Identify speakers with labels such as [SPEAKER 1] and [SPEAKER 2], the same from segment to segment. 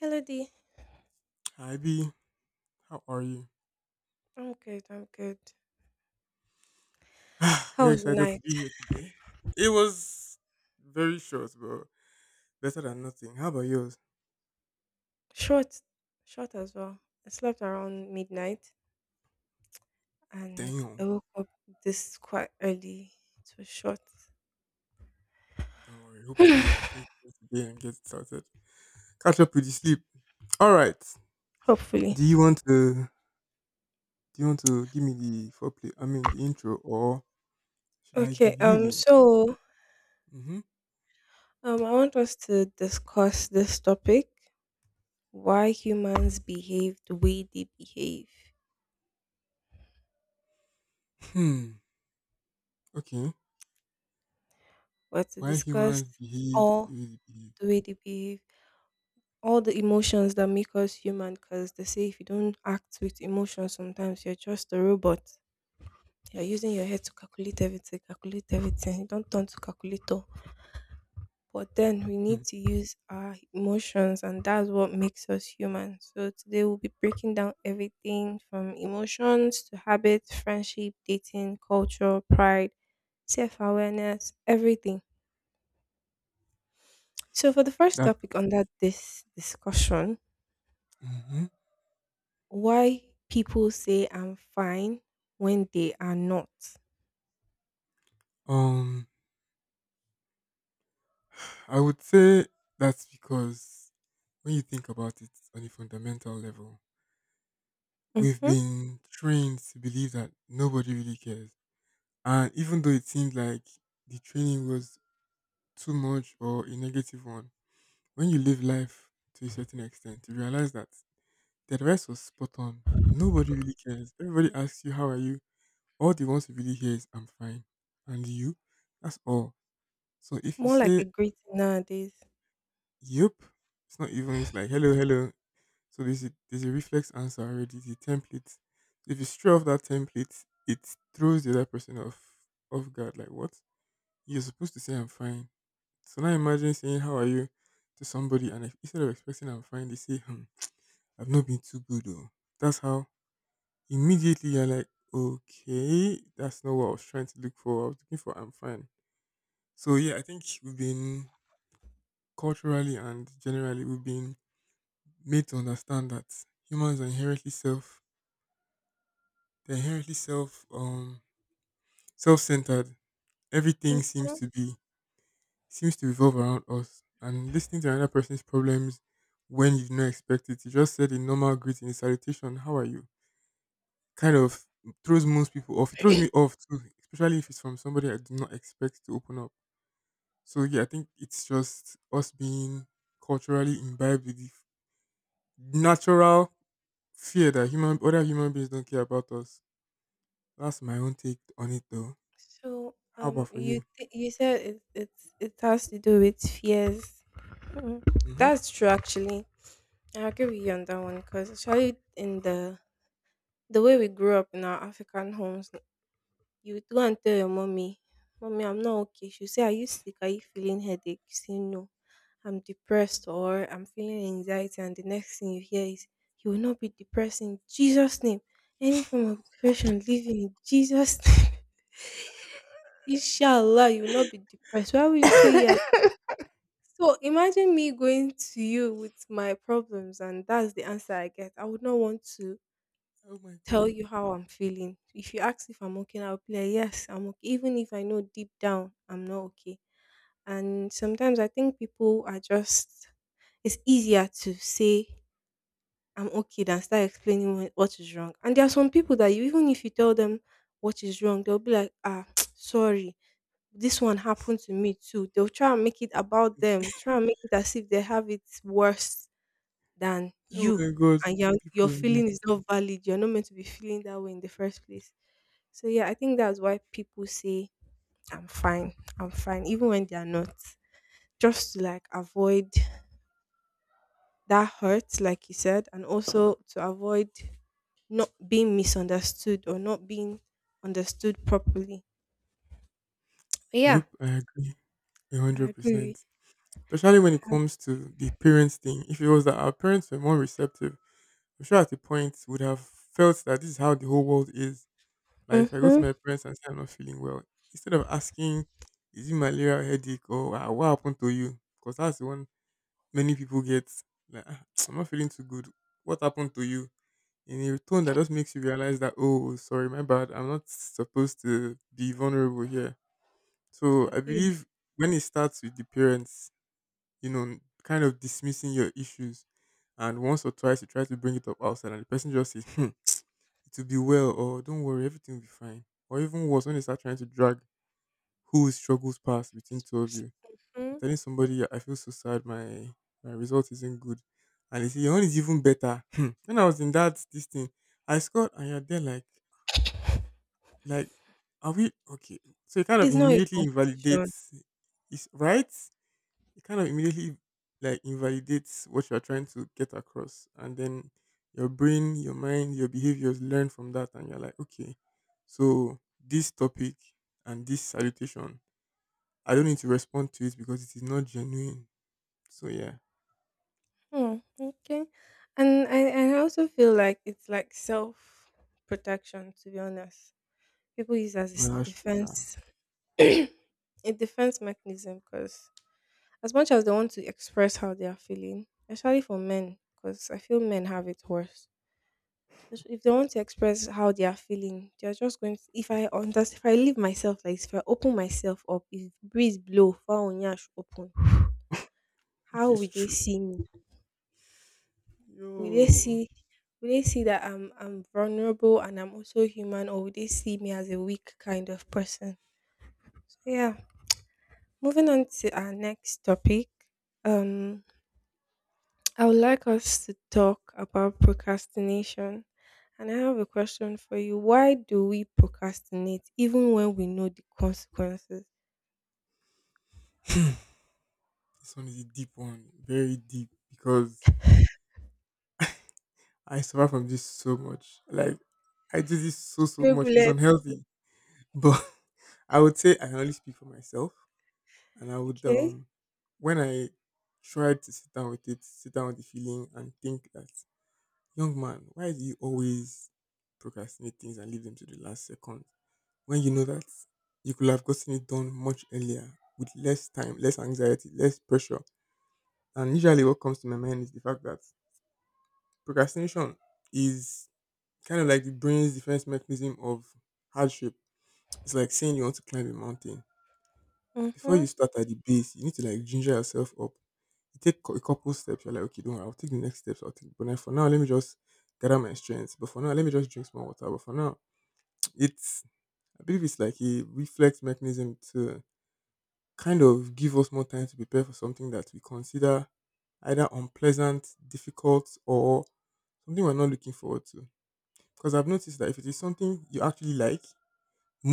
[SPEAKER 1] Hello, D.
[SPEAKER 2] Hi B, how are you?
[SPEAKER 1] I'm good. I'm good. How
[SPEAKER 2] You're
[SPEAKER 1] was your
[SPEAKER 2] excited to
[SPEAKER 1] night?
[SPEAKER 2] be here today. It was very short, but better than nothing. How about yours?
[SPEAKER 1] Short, short as well. I slept around midnight, and I
[SPEAKER 2] Damn.
[SPEAKER 1] woke up this quite early. It was short.
[SPEAKER 2] Don't worry. Hopefully you can finish it today and get started. Catch up with the sleep. All right.
[SPEAKER 1] Hopefully.
[SPEAKER 2] Do you want to? Do you want to give me the foreplay? I mean the intro, or should I
[SPEAKER 1] Okay.
[SPEAKER 2] give you
[SPEAKER 1] Um.
[SPEAKER 2] the intro?
[SPEAKER 1] So,
[SPEAKER 2] Mm-hmm.
[SPEAKER 1] um, I want us to discuss this topic: why humans behave the way they behave.
[SPEAKER 2] Hmm. Okay.
[SPEAKER 1] We're to
[SPEAKER 2] Why
[SPEAKER 1] discuss
[SPEAKER 2] humans behave
[SPEAKER 1] all
[SPEAKER 2] the way they behave?
[SPEAKER 1] the way they behave, all the emotions that make us human. Because they say if you don't act with emotion, sometimes you're just a robot. You're using your head to calculate everything, calculate everything. You don't turn to calculator. But then we
[SPEAKER 2] Hmm.
[SPEAKER 1] need to use our emotions, and that's what makes us human. So today we'll be breaking down everything from emotions to habits, friendship, dating, culture, pride, self awareness, everything. So, for the first
[SPEAKER 2] That.
[SPEAKER 1] topic under this discussion,
[SPEAKER 2] Mm-hmm.
[SPEAKER 1] why people say I'm fine when they are not.
[SPEAKER 2] Um. I would say that's because when you think about it on a fundamental level, we've
[SPEAKER 1] Hmm.
[SPEAKER 2] been trained to believe that nobody really cares. And even though it seemed like the training was too much or a negative one, when you live life to a certain extent, you realize that the advice was spot on. Nobody really cares. Everybody asks you, how are you? All they want to really hear is, I'm fine. And you? That's all. So if you
[SPEAKER 1] More like
[SPEAKER 2] say,
[SPEAKER 1] a greeting nowadays.
[SPEAKER 2] yep, it's not even, it's like, hello, hello. So there's a reflex answer already, the template. So if you stray off that template, it throws the other person off guard. Like what? You're supposed to say I'm fine. So now imagine saying how are you to somebody, and if, instead of expressing I'm fine, they say hmm, I've not been too good. Oh, that's how immediately you're like, okay, that's not what I was trying to look for. I was looking for I'm fine. So yeah, I think we've been culturally and generally we've been made to understand that humans are inherently self They're inherently self self centered. Everything seems
[SPEAKER 1] Mm-hmm.
[SPEAKER 2] to be seems to revolve around us. And listening to another person's problems when you do not expect it. You just said a normal greeting, a salutation, how are you? Kind of throws most people off. It throws me off too, especially if it's from somebody I do not expect to open up. So yeah, I think it's just us being culturally imbibed with the natural fear that human other human beings don't care about us. That's my own take on it though.
[SPEAKER 1] So,
[SPEAKER 2] How
[SPEAKER 1] um,
[SPEAKER 2] about for
[SPEAKER 1] you
[SPEAKER 2] you?
[SPEAKER 1] th- you said it has to do with fears. Mm.
[SPEAKER 2] Mhm.
[SPEAKER 1] That's true, actually. I agree with you on that one because actually, in the way we grew up in our African homes, you would go and tell your mommy, "Mommy, I'm not okay." She'll say, "Are you sick? Are you feeling headache?" You say, "No, I'm depressed or I'm feeling anxiety." And the next thing you hear is, "You will not be depressed in Jesus' name. Any form of depression, leave it in Jesus' name." Inshallah, you will not be depressed. Why would you say yes? So imagine me going to you with my problems, and that's the answer I get. I would not want to
[SPEAKER 2] Oh my god.
[SPEAKER 1] tell you how I'm feeling. If you ask if I'm okay, I'll be like, yes, I'm okay. Even if I know deep down I'm not okay. And sometimes I think people are just, it's easier to say I'm okay than start explaining what is wrong. And there are some people that you, even if you tell them what is wrong, they'll be like, ah, sorry, this one happened to me too. They'll try and make it about them, try and make it as if they have it worse than
[SPEAKER 2] Oh
[SPEAKER 1] you.
[SPEAKER 2] my god.
[SPEAKER 1] And your
[SPEAKER 2] People are like,
[SPEAKER 1] feeling is not valid. You're not meant to be feeling that way in the first place. So yeah, I think that's why people say I'm fine, I'm fine, even when they are not. Just to like avoid that hurt, like you said, and also to avoid not being misunderstood or not being understood properly. Yeah,
[SPEAKER 2] yep, I agree.
[SPEAKER 1] I agree.
[SPEAKER 2] 100%. Especially when it comes to the parents thing. If it was that our parents were more receptive, I'm sure at the point would have felt that this is how the whole world is. Like if I go to
[SPEAKER 1] Mm-hmm.
[SPEAKER 2] my parents and say I'm not feeling well, instead of asking, is it malaria or headache or, "Ah, what happened to you?" Because that's the one many people get. Like, "Ah, I'm not feeling too good. What happened to you?" in a tone that just makes you realize that, oh sorry my bad, I'm not supposed to be vulnerable here. So
[SPEAKER 1] I
[SPEAKER 2] I
[SPEAKER 1] feel
[SPEAKER 2] believe when it starts with the parents, you know, kind of dismissing your issues, and once or twice you try to bring it up outside and the person just says hmm, it will be well, or don't worry everything will be fine, or even worse when they start trying to drag who struggles past between two of you,
[SPEAKER 1] mhm.
[SPEAKER 2] telling somebody I feel so sad, my result isn't good, and they say your own is even better. Hmm, when I was in that this thing I scored and you're there like, are we okay? So it kind of
[SPEAKER 1] It's not a
[SPEAKER 2] immediately
[SPEAKER 1] competition.
[SPEAKER 2] invalidates, is right? It kind of immediately like invalidates what you are trying to get across, and then your brain, your mind, your behaviors learn from that, and you're like, okay, so this topic and this salutation, I don't need to respond to it because it is not genuine. So yeah,
[SPEAKER 1] Hmm, okay. And I also feel like it's like self protection, to be honest. People use as a
[SPEAKER 2] no, that's true, sha.
[SPEAKER 1] defense a defense mechanism because as much as they want to express how they are feeling, especially for men, because I feel men have it worse. If they want to express how they are feeling, they are just going to. If I understand, if I leave myself like this, if I open myself up, if breeze blow, far onyash open,
[SPEAKER 2] Which
[SPEAKER 1] how
[SPEAKER 2] is
[SPEAKER 1] will they
[SPEAKER 2] true.
[SPEAKER 1] see me? Will they
[SPEAKER 2] Yo,
[SPEAKER 1] see? Will they see that I'm vulnerable and I'm also human, or will they see me as a weak kind of person? So yeah. Moving on to our next topic. Um, I would like us to talk about procrastination. And I have a question for you. Why do we procrastinate even when we know the consequences?
[SPEAKER 2] this one is a deep one, very deep because. I suffer from this so much. Like I do this so so
[SPEAKER 1] Stray
[SPEAKER 2] much. It's
[SPEAKER 1] bullet,
[SPEAKER 2] unhealthy. But I would say I can only speak for myself. And I would
[SPEAKER 1] okay?
[SPEAKER 2] when I tried to sit down with it, sit down with the feeling and think that young man, why do you always procrastinate things and leave them to the last second? When you know that you could have gotten it done much earlier with less time, less anxiety, less pressure. And usually what comes to my mind is the fact that procrastination is kind of like the brain's defense mechanism of hardship. It's like saying you want to climb a mountain. Before
[SPEAKER 1] Mm-hmm.
[SPEAKER 2] you start at the base, you need to like ginger yourself up. You take a couple steps, you're like, okay, don't worry, I'll take the next steps. But then for now, let me just gather my strength. But for now, let me just drink some water. But for now, it's, I believe it's like a reflex mechanism to kind of give us more time to prepare for something that we consider either unpleasant, difficult, or something we're not looking forward to. Because I've noticed that if it is something you actually like,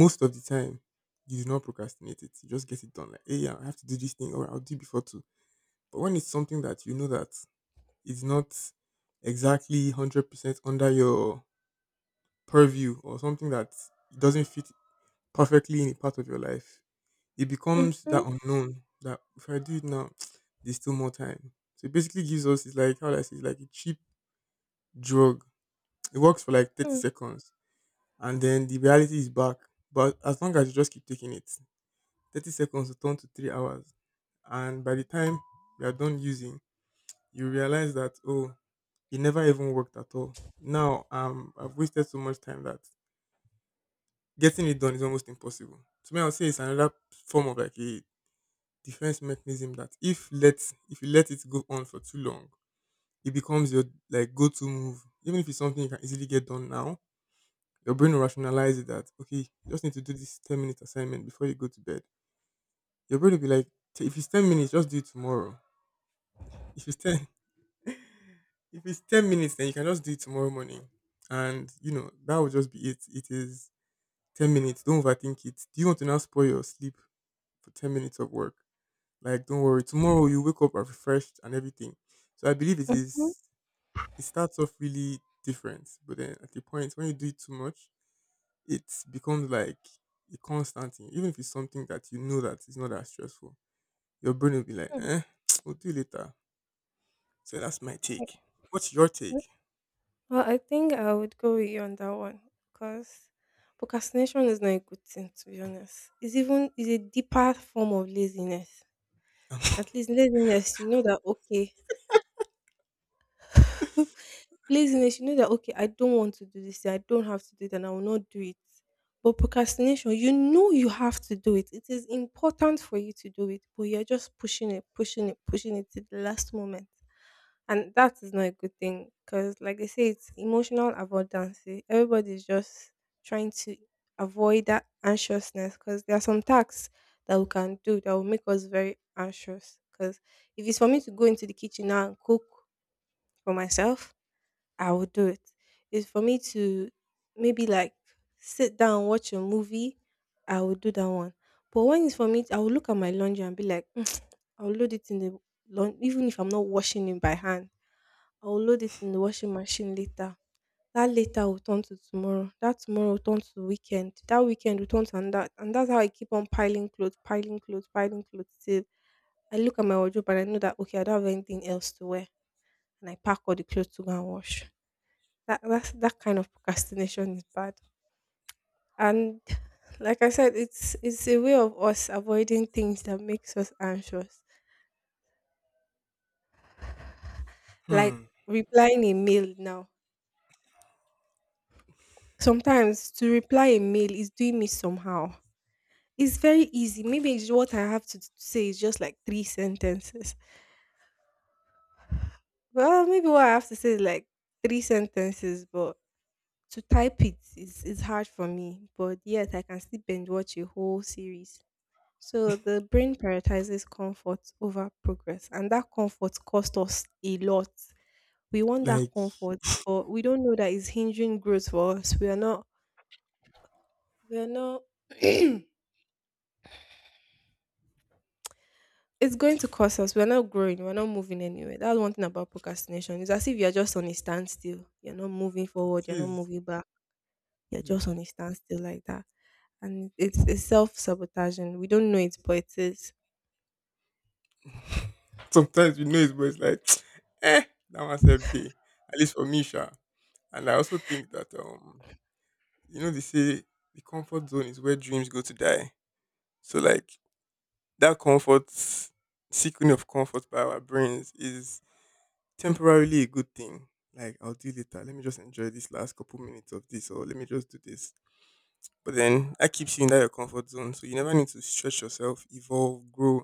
[SPEAKER 2] most of the time, you do not procrastinate it. You just get it done. Like, hey, yeah, I have to do this thing, or I'll do it before two. But when it's something that you know that it's not exactly 100% under your purview, or something that doesn't fit perfectly in a part of your life, it becomes
[SPEAKER 1] Mm-hmm.
[SPEAKER 2] that unknown. That if I do it now, there's still more time. So it basically gives us it's like how do I say it's like a cheap drug. It works for like thirty
[SPEAKER 1] Mm-hmm.
[SPEAKER 2] seconds, and then the reality is back. But as long as you just keep taking it, 30 seconds will turn to 3 hours. And by the time you are done using, you realize that, oh, it never even worked at all. Now I've wasted so much time that getting it done is almost impossible. To me, I would say it's another form of like a defense mechanism that if you let it go on for too long, it becomes your like go-to move. Even if it's something you can easily get done now, your brain will rationalize it that okay, you just need to do this 10-minute assignment before you go to bed. Your brain will be like, if it's 10 minutes, just do it tomorrow. If it's ten, if it's 10 minutes, then you can just do it tomorrow morning, and you know that will just be it. It is 10 minutes. Don't overthink it. Do you want to now spoil your sleep for 10 minutes of work? Like, don't worry. Tomorrow you wake up refreshed and everything. So I believe it is. It starts off really different, but then at the point when you do it too much, it becomes like a constant thing. Even if it's something that you know that is not that stressful, your brain will be like,
[SPEAKER 1] Mm-hmm.
[SPEAKER 2] eh, we'll do it later. So that's my
[SPEAKER 1] Okay.
[SPEAKER 2] take. What's your take?
[SPEAKER 1] Well, I think I would go with you on that one because procrastination is not a good thing, to be honest. It's even it's a deeper form of laziness. At least laziness, you know that, okay, laziness, you know that okay, I don't want to do this thing, I don't have to do it, and I will not do it. But procrastination, you know you have to do it. It is important for you to do it, but you're just pushing it, pushing it, pushing it to the last moment. And that is not a good thing because, like they say, it's emotional avoidance. Eh. Everybody's just trying to avoid that anxiousness because there are some tasks that we can do that will make us very anxious. Because if it's for me to go into the kitchen now and cook for myself, I would do it. It's for me to maybe like sit down, watch a movie, I would do that one. But when it's for me, I will look at my laundry and be like, "Mm, I'll load it in the laundry, even if I'm not washing it by hand. I'll load it in the washing machine later. That later will turn to tomorrow. That tomorrow will turn to weekend. That weekend will turn to and that. And that's how I keep on piling clothes, piling clothes, piling clothes till I look at my wardrobe and I know that okay, I don't have anything else to wear. And I pack all the clothes to go and wash. That's that kind of procrastination is bad. And like I said, it's a way of us avoiding things that makes us anxious. Like
[SPEAKER 2] Hmm.
[SPEAKER 1] replying a mail now. Sometimes to reply a mail is doing me somehow. It's very easy. Maybe it's what I have to say is just like three sentences. Well, maybe what I have to say is like three sentences, but to type it is hard for me. But yet I can still binge watch a whole series. So the brain prioritizes comfort over progress, and that comfort costs us a lot. We want that
[SPEAKER 2] Like
[SPEAKER 1] comfort, but we don't know that it's hindering growth for us. We are not. We are not. It's going to cost us. We are not growing. We are not moving anywhere. That's one thing about procrastination. It's as if you are just on a standstill. You're not moving forward.
[SPEAKER 2] it
[SPEAKER 1] You're not
[SPEAKER 2] is.
[SPEAKER 1] moving back. You're just
[SPEAKER 2] Yeah.
[SPEAKER 1] on a standstill like that, and it's self sabotaging. We don't know it, but it is.
[SPEAKER 2] Sometimes you know it, but it's like, eh, that one's a day. At least for me, sure. And I also think that you know, they say the comfort zone is where dreams go to die. So like that comfort seeking of comfort by our brains is temporarily a good thing. Like I'll do later. Let me just enjoy this last couple minutes of this, or let me just do this. But then that keeps you in that your comfort zone. So you never need to stretch yourself, evolve, grow,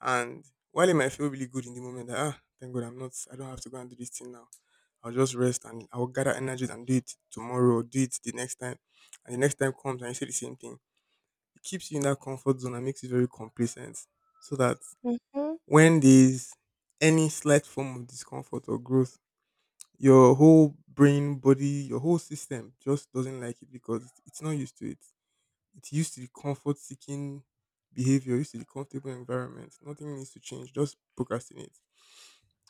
[SPEAKER 2] and while it might feel really good in the moment, that, ah, thank God I don't have to go and do this thing now. I'll just rest and I'll gather energies and do it tomorrow or do it the next time. And the next time comes and you say the same thing. It keeps you in that comfort zone and makes you very complacent. So that
[SPEAKER 1] Mhm.
[SPEAKER 2] when there's any slight form of discomfort or growth, your whole your whole system just doesn't like it because it's not used to it. It's used to the comfort seeking behavior, used to the comfortable environment. Nothing needs to change, just procrastinate.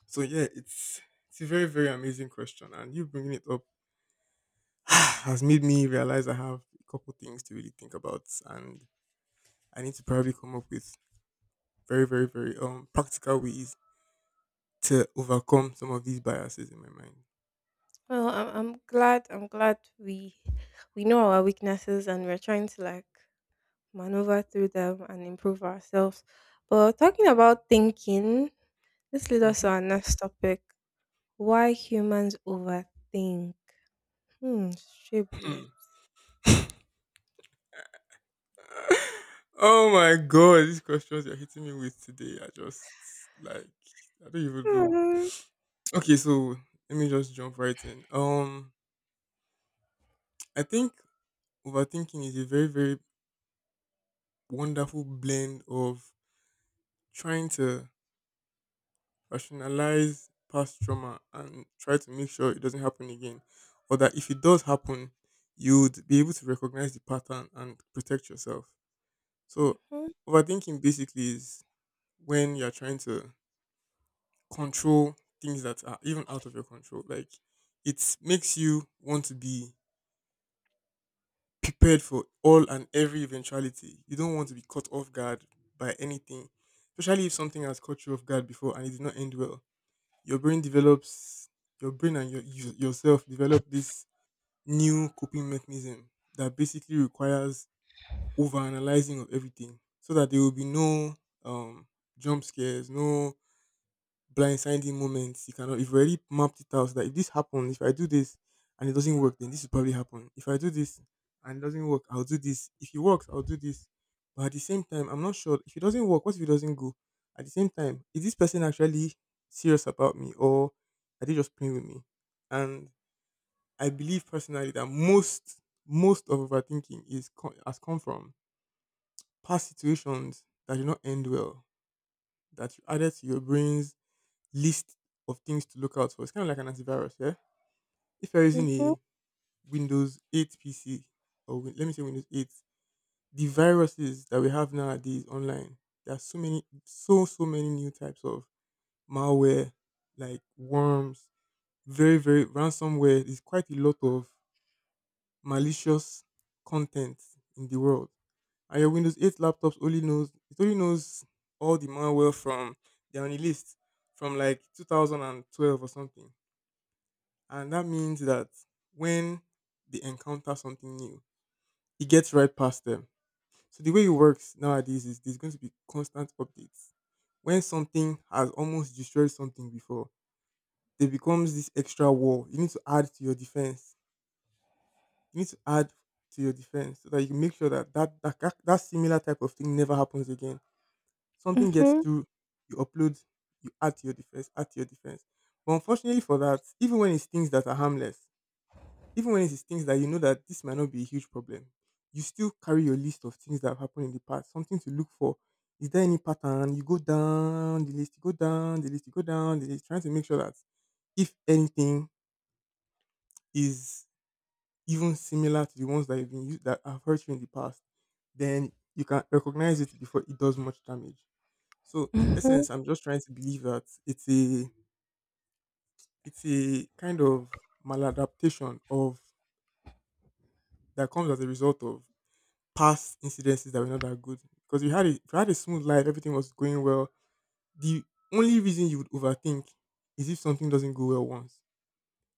[SPEAKER 2] So yeah, it's a very very amazing question, and you bringing it up has made me realize I have a couple things to really think about, and I need to probably come up with very very very practical ways to overcome some of these biases in my mind.
[SPEAKER 1] Well, I'm glad we know our weaknesses and we're trying to like maneuver through them and improve ourselves. But talking about thinking, this leads us to
[SPEAKER 2] Hmm.
[SPEAKER 1] our next topic: why humans overthink. Hmm, stray bullets.
[SPEAKER 2] Oh my god, these questions you're hitting me with today are just like I don't even know.
[SPEAKER 1] Mhm.
[SPEAKER 2] Okay, so let me just jump right in. I think overthinking is a very wonderful blend of trying to rationalize past trauma and try to make sure it doesn't happen again, or that if it does happen, you'd be able to recognize the pattern and protect yourself. So, overthinking basically is when you're trying to control things that are even out of your control. Like, it makes you want to be prepared for all and every eventuality. You don't want to be caught off guard by anything, especially if something has caught you off guard before and it did not end well. your brain develops your brain and yourself develop this new coping mechanism that basically requires overanalyzing of everything so that there will be no um jump scares, no blindsiding moments. You cannot. You've already mapped it out so that if this happens, if I do this and it doesn't work, then this will probably happen. If I do this and it doesn't work, I'll do this. If it works, I'll do this. But at the same time, I'm not sure if it doesn't work. What if it doesn't go? At the same time, is this person actually serious about me, or are they just playing with me? And I believe personally that most of overthinking has come from past situations that did not end well, that you added to your brain's list of things to look out for. It's kind of like an antivirus, yeah? If you're using
[SPEAKER 1] Mhm.
[SPEAKER 2] a Windows 8 PC, let me say Windows 8, the viruses that we have nowadays online, there are so many, so many new types of malware, like worms, very, very ransomware. There's quite a lot of malicious content in the world. And your Windows 8 laptops only knows, it only knows all the malware from, they're on the list from like 2012 or something. And that means that when they encounter something new, it gets right past them. So the way it works nowadays is there's going to be constant updates. When something has almost destroyed something before, there becomes this extra wall. You need to add to your defense. You need to add to your defense so that you make sure that that similar type of thing never happens again. Something gets
[SPEAKER 1] Mhm.
[SPEAKER 2] through, you upload, you add to your defense, add to your defense. But unfortunately for that, even when it's things that are harmless, even when it is things that you know that this might not be a huge problem, you still carry your list of things that have happened in the past, something to look for. Is there any pattern? You go down the list, you go down the list, you go down the list, trying to make sure that if anything is even similar to the ones that you've been used that have hurt you in the past, then you can recognize it before it does much damage. So in
[SPEAKER 1] Mhm.
[SPEAKER 2] essence, I'm just trying to believe that it's a kind of maladaptation of that comes as a result of past incidences that were not that good. Because if you had a smooth life, everything was going well. The only reason you would overthink is if something doesn't go well once.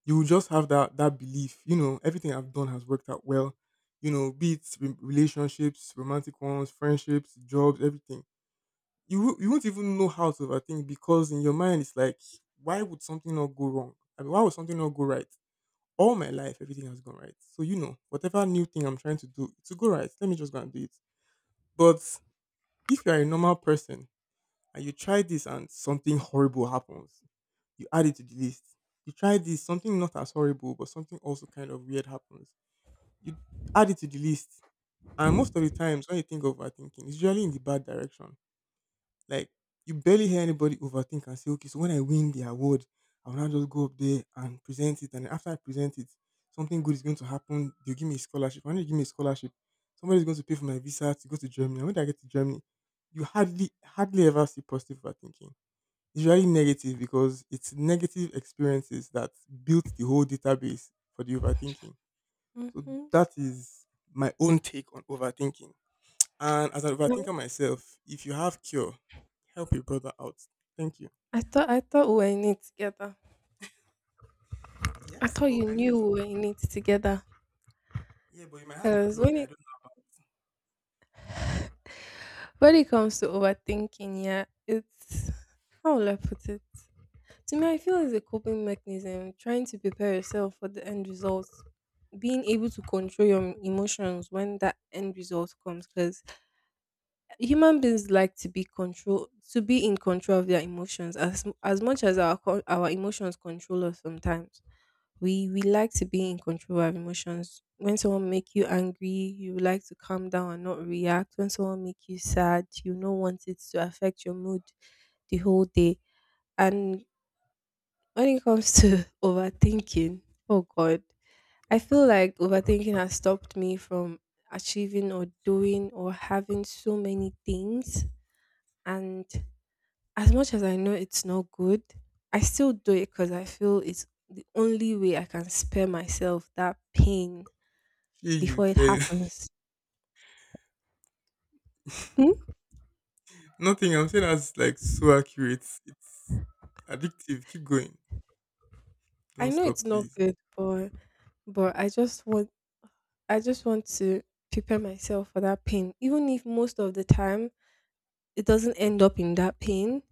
[SPEAKER 2] You will just have that belief, you know, everything I've done has worked out well. You know, be it relationships, romantic ones, friendships, jobs, everything. You won't even know how to overthink because in your mind it's like, why would something not go wrong? I mean, why would something not go right? All my life everything has gone right. So you know, whatever new thing I'm trying to do to go right, let me just go and do it. But if you are a normal person and you try this and something horrible happens, you add it to the list. You try this, something not as horrible, but something also kind of weird happens. You add it to the list. And most of the times when you think of overthinking, it's usually in the bad direction. Like you barely hear anybody overthink and say, okay, so when I win the award, I will now just go up there and present it. And after I present it, something good is going to happen. They'll give me a scholarship. When they give me a scholarship, somebody's going to pay for my visa to go to Germany. And when I get to Germany, you hardly ever see positive overthinking. It's really negative because it's negative experiences that built the whole database for the overthinking. So
[SPEAKER 1] Mhm.
[SPEAKER 2] that is my own take on overthinking. And as an
[SPEAKER 1] No,
[SPEAKER 2] overthinker myself, if you have cure, help your brother out. Thank you.
[SPEAKER 1] I thought we were in it together. I
[SPEAKER 2] Yes,
[SPEAKER 1] thought
[SPEAKER 2] but
[SPEAKER 1] you
[SPEAKER 2] I
[SPEAKER 1] knew
[SPEAKER 2] mean,
[SPEAKER 1] we were in it together.
[SPEAKER 2] yeah, but you might have it
[SPEAKER 1] Cause
[SPEAKER 2] plugged.
[SPEAKER 1] when
[SPEAKER 2] I
[SPEAKER 1] it
[SPEAKER 2] don't.
[SPEAKER 1] When it comes to overthinking, yeah, it's how will I put it? To me, I feel it's a coping mechanism, trying to prepare yourself for the end result, being able to control your emotions when that end result comes. Because human beings like to be in control of their emotions, as much as our emotions control us sometimes. We like to be in control of emotions. When someone make you angry, you like to calm down and not react. When someone make you sad, you don't want it to affect your mood the whole day. And when it comes to overthinking, oh god, I feel like overthinking has stopped me from achieving or doing or having so many things. And as much as I know it's not good, I still do it because I feel it's the only way I can spare myself that pain
[SPEAKER 2] Hey, you
[SPEAKER 1] before it
[SPEAKER 2] pay.
[SPEAKER 1] happens. Hmm?
[SPEAKER 2] Nothing. I'm saying that's like so accurate. It's addictive. Keep going.
[SPEAKER 1] I
[SPEAKER 2] Don't
[SPEAKER 1] know
[SPEAKER 2] stop,
[SPEAKER 1] it's not
[SPEAKER 2] please.
[SPEAKER 1] good, but but I just want to prepare myself for that pain. Even if most of the time it doesn't end up in that pain,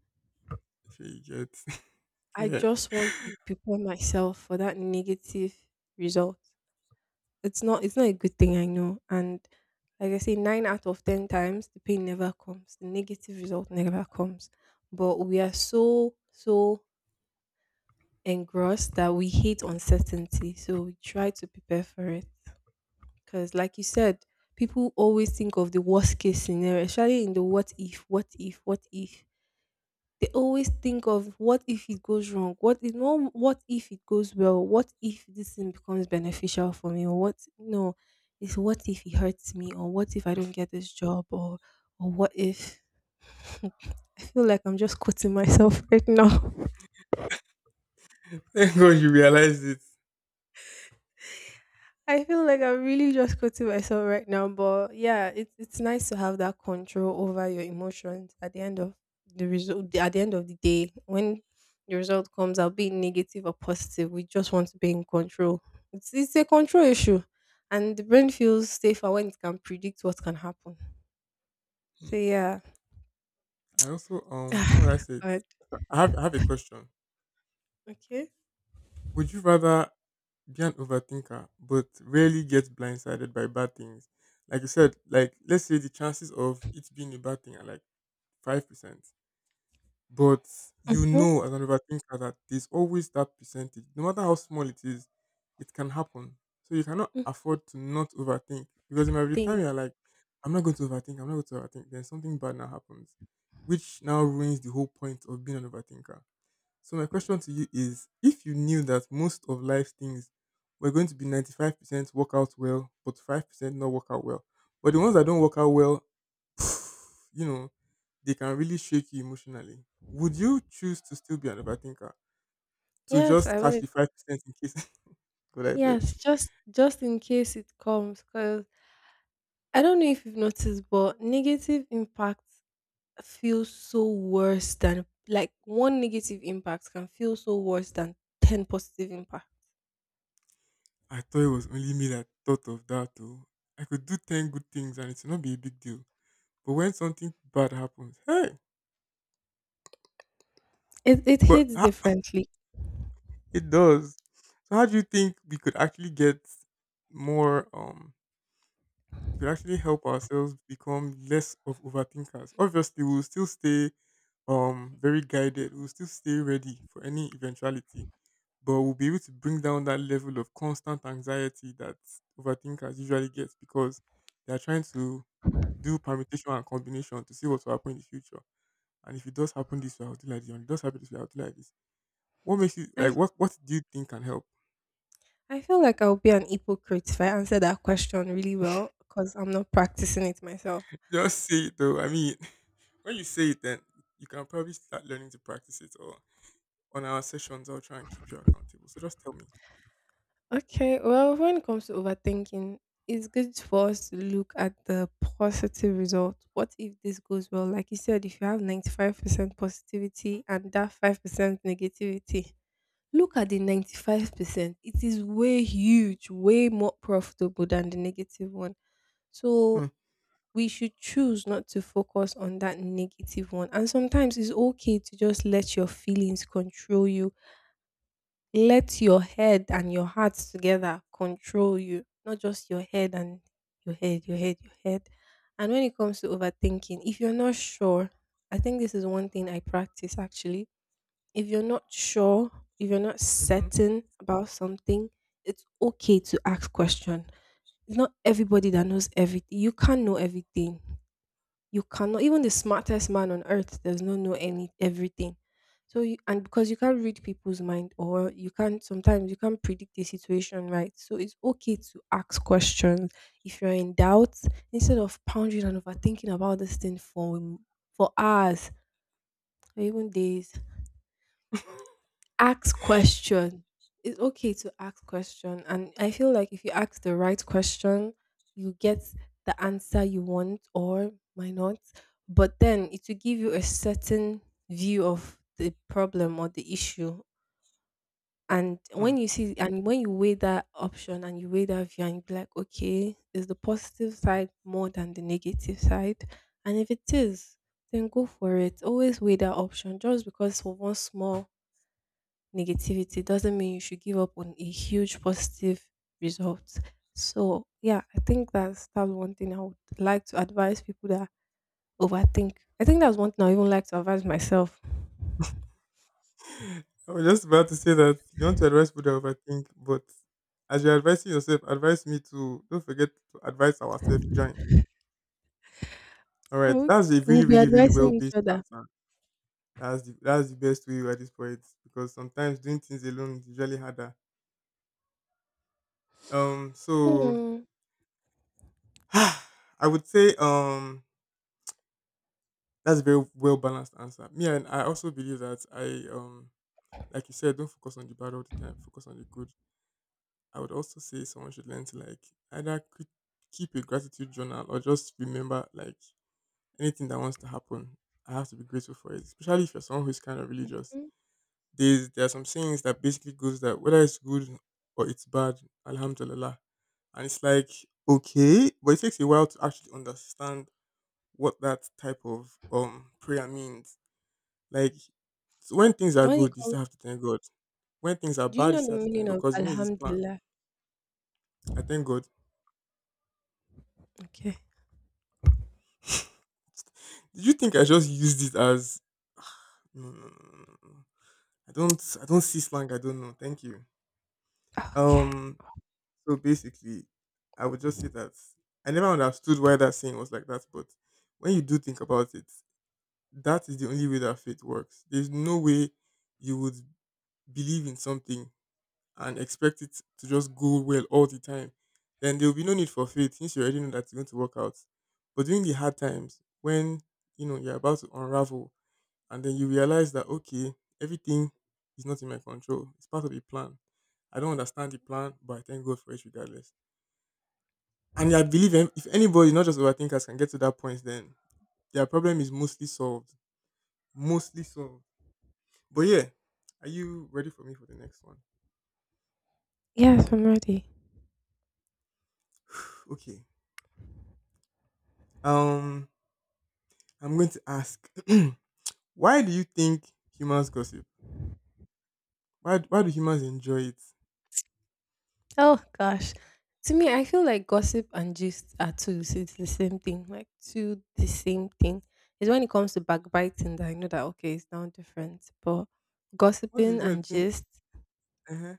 [SPEAKER 2] If you get,
[SPEAKER 1] I
[SPEAKER 2] yeah.
[SPEAKER 1] just want to prepare myself for that negative result. It's not a good thing, I know. And like I say, 9 out of 10 times the pain never comes. The negative result never comes. But we are so, so engrossed that we hate uncertainty. So we try to prepare for it. Because like you said, people always think of the worst case scenario, especially in the what if, what if, what if. They always think of what if it goes wrong? What if no what if it goes well? What if this thing becomes beneficial for me? Or what no, it's what if it hurts me or what if I don't get this job or what if I feel like I'm just quoting myself right now.
[SPEAKER 2] Thank God you realized it.
[SPEAKER 1] I feel like I'm really just quoting myself right now, but yeah, it's nice to have that control over your emotions at the end of the result. At the end of the day, when the result comes out, be it negative or positive, we just want to be in control. It's a control issue, and the brain feels safer when it can predict what can happen.
[SPEAKER 2] Hmm.
[SPEAKER 1] So yeah,
[SPEAKER 2] I also, how would I say it?
[SPEAKER 1] good.
[SPEAKER 2] I have a question.
[SPEAKER 1] Okay.
[SPEAKER 2] Would you rather be an overthinker, but rarely get blindsided by bad things. Like you said, like let's say the chances of it being a bad thing are like 5%. But you
[SPEAKER 1] Mm-hmm.
[SPEAKER 2] know as an overthinker that there's always that percentage. No matter how small it is, it can happen. So you cannot afford to not overthink. Because in my time
[SPEAKER 1] Thing.
[SPEAKER 2] you're like, I'm not going to overthink, I'm not going to overthink, then something bad now happens. Which now ruins the whole point of being an overthinker. So my question to you is if you knew that most of life things were going to be 95% work out well, but 5% not work out well. But the ones that don't work out well, you know, they can really shake you emotionally. Would you choose to still be an overthinker? To
[SPEAKER 1] Yes,
[SPEAKER 2] just
[SPEAKER 1] I
[SPEAKER 2] catch
[SPEAKER 1] would.
[SPEAKER 2] the 5% in case. God I beg.
[SPEAKER 1] Yes, just in case it comes, because I don't know if you've noticed, but negative impacts feel so worse than like one negative impact can feel so worse than 10 positive impact.
[SPEAKER 2] I thought it was only me that thought of that though. I could do 10 good things and it would not be a big deal. But when something bad happens, hey,
[SPEAKER 1] It
[SPEAKER 2] but
[SPEAKER 1] hits
[SPEAKER 2] ho-
[SPEAKER 1] differently.
[SPEAKER 2] it does. So how do you think we could actually get more, we could actually help ourselves become less of overthinkers? Obviously we'll still stay very guided, we'll still stay ready for any eventuality, but we'll be able to bring down that level of constant anxiety that overthinkers usually get because they are trying to do permutation and combination to see what will happen in the future. And if it does happen this way, I'll do like this. And if it does happen this way, I'll do like this. What makes you
[SPEAKER 1] I,
[SPEAKER 2] like what do you think can help?
[SPEAKER 1] I feel like I'll be an hypocrite if I answer that question really well because I'm not practicing it myself.
[SPEAKER 2] Just say it though. I mean, when you say it, then you can probably start learning to practice it. Or on our sessions, I'll try and keep you accountable. So just tell me.
[SPEAKER 1] Okay, well, when it comes to overthinking, it's good for us to look at the positive result. What if this goes well? Like you said, if you have 95% positivity and that 5% negativity. Look at the 95%. It is way huge, way more profitable than the negative one.
[SPEAKER 2] Hmm.
[SPEAKER 1] So we should choose not to focus on that negative one. And sometimes it's okay to just let your feelings control you. Let your head and your heart together control you, not just your head and your head. And when it comes to overthinking, if you're not sure, I think this is one thing I practice actually if you're not sure, if you're not
[SPEAKER 2] Hmm.
[SPEAKER 1] certain about something, it's okay to ask question. It's not everybody that knows everything. You can't know everything. You cannot. Even the smartest man on earth does not know any everything. So you, and because you can't read people's mind, or you can't sometimes you can't predict the situation, right? So it's okay to ask questions if you're in doubt instead of pondering and overthinking about this thing for hours or even days. Ask question. It's okay to ask question, and I feel like if you ask the right question, you get the answer you want or might not. But then it will give you a certain view of the problem or the issue. And
[SPEAKER 2] Hmm.
[SPEAKER 1] when you see and when you weigh that option and you weigh that view and you be like, okay, is the positive side more than the negative side? And if it is, then go for it. Always weigh that option. Just because for one small negativity doesn't mean you should give up on a huge positive result. So yeah, I think that's one thing I would like to advise people that overthink. I think that's one thing I even like to advise myself.
[SPEAKER 2] I was just about to say that you want to advise people that overthink, but as you're advising yourself, advise me to don't forget to advise ourselves. Join. All right,
[SPEAKER 1] Okay,
[SPEAKER 2] that's a
[SPEAKER 1] we'll be
[SPEAKER 2] really well
[SPEAKER 1] advising each
[SPEAKER 2] based
[SPEAKER 1] other.
[SPEAKER 2] answer. That's the best way at this point because sometimes doing things alone is usually harder. Um, so
[SPEAKER 1] Hmm.
[SPEAKER 2] I would say, that's a very well balanced answer. Me and I also believe that I, like you said, don't focus on the bad all the time, focus on the good. I would also say someone should learn to like either keep a gratitude journal or just remember like anything that wants to happen. I have to be grateful for it, especially if you're someone who's kind of religious. There are some sayings that basically goes that whether it's good or it's bad, alhamdulillah. And it's like okay, but it takes a while to actually understand what that type of prayer means. Like s- when things are
[SPEAKER 1] When it
[SPEAKER 2] good, you
[SPEAKER 1] comes,
[SPEAKER 2] still have to thank God. When things are
[SPEAKER 1] do you
[SPEAKER 2] bad, you
[SPEAKER 1] know the
[SPEAKER 2] still have to thank
[SPEAKER 1] meaning
[SPEAKER 2] God
[SPEAKER 1] of
[SPEAKER 2] because you know it's His plan.
[SPEAKER 1] Alhamdulillah?
[SPEAKER 2] I thank God.
[SPEAKER 1] Okay.
[SPEAKER 2] Did you think I just used it as? No, no, no, no, no, no. I don't. I don't see slang. I don't know. Thank you.
[SPEAKER 1] Okay.
[SPEAKER 2] Um. So basically, I would just say that I never understood why that saying was like that, but when you do think about it, that is the only way that faith works. There's no way you would believe in something and expect it to just go well all the time, then there will be no need for faith since you already know that it's going to work out. But during the hard times, when you know you're about to unravel, and then you realize that okay, everything is not in my control. It's part of the plan. I don't understand the plan, but I thank God for it regardless. And I believe if anybody, not just overthinkers, can get to that point, then their problem is mostly solved. Mostly solved. But yeah, are you ready for me for the next one?
[SPEAKER 1] Yes, I'm ready.
[SPEAKER 2] Okay. Um, I'm going to ask. Why do you think humans gossip? Why do humans enjoy it?
[SPEAKER 1] Oh gosh. To me, I feel like gossip and gist are two. So it's the same thing. Like two the same thing. It's when it comes to backbiting that I know that, okay, it's now different. But
[SPEAKER 2] What's the
[SPEAKER 1] gossiping and
[SPEAKER 2] difference between
[SPEAKER 1] gist
[SPEAKER 2] uh-huh.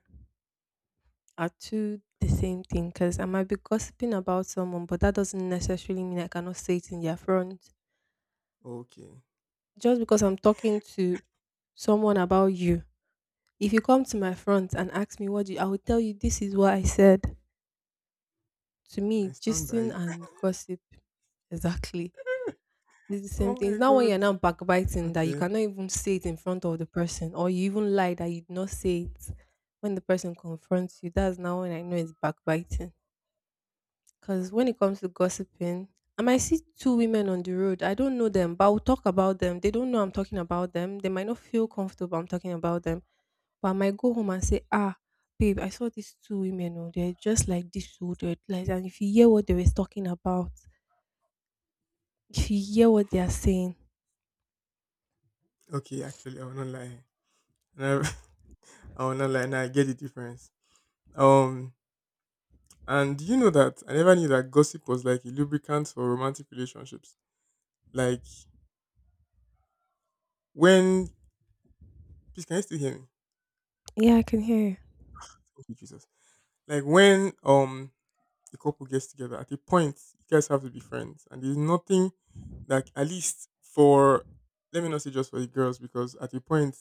[SPEAKER 1] are two the same thing because I might be gossiping about someone, but that doesn't necessarily mean I cannot say it in their front.
[SPEAKER 2] Okay.
[SPEAKER 1] Just because I'm talking to someone about you, if you come to my front and ask me what you, I will tell you this is what I said. To
[SPEAKER 2] And I
[SPEAKER 1] me,
[SPEAKER 2] stand by
[SPEAKER 1] gisting
[SPEAKER 2] it.
[SPEAKER 1] and gossip exactly. It's the same
[SPEAKER 2] Oh
[SPEAKER 1] thing.
[SPEAKER 2] my
[SPEAKER 1] It's not when
[SPEAKER 2] God.
[SPEAKER 1] you're now backbiting that you
[SPEAKER 2] Okay.
[SPEAKER 1] cannot even say it in front of the person, or you even lie that you did not say it when the person confronts you. That's now when I know it's backbiting. Because when it comes to gossiping, I might see two women on the road. I don't know them, but I'll talk about them. They don't know I'm talking about them. They might not feel comfortable I'm talking about them. But I might go home and say, ah, babe, I saw these two women. Oh, they're just like this. Oh, they're like, and if you hear what they were talking about, if you hear what they are saying,
[SPEAKER 2] Okay, actually I will not lie. No, I will not lie now, I get the difference. Um and do you know that I never knew that gossip was like a lubricant for romantic relationships. Like when please can you still hear me?
[SPEAKER 1] yeah, I can hear you.
[SPEAKER 2] Thank you, Jesus. Like when the couple gets together. At a point, you guys have to be friends, and there's nothing like at least for let me not say just for the girls because at a point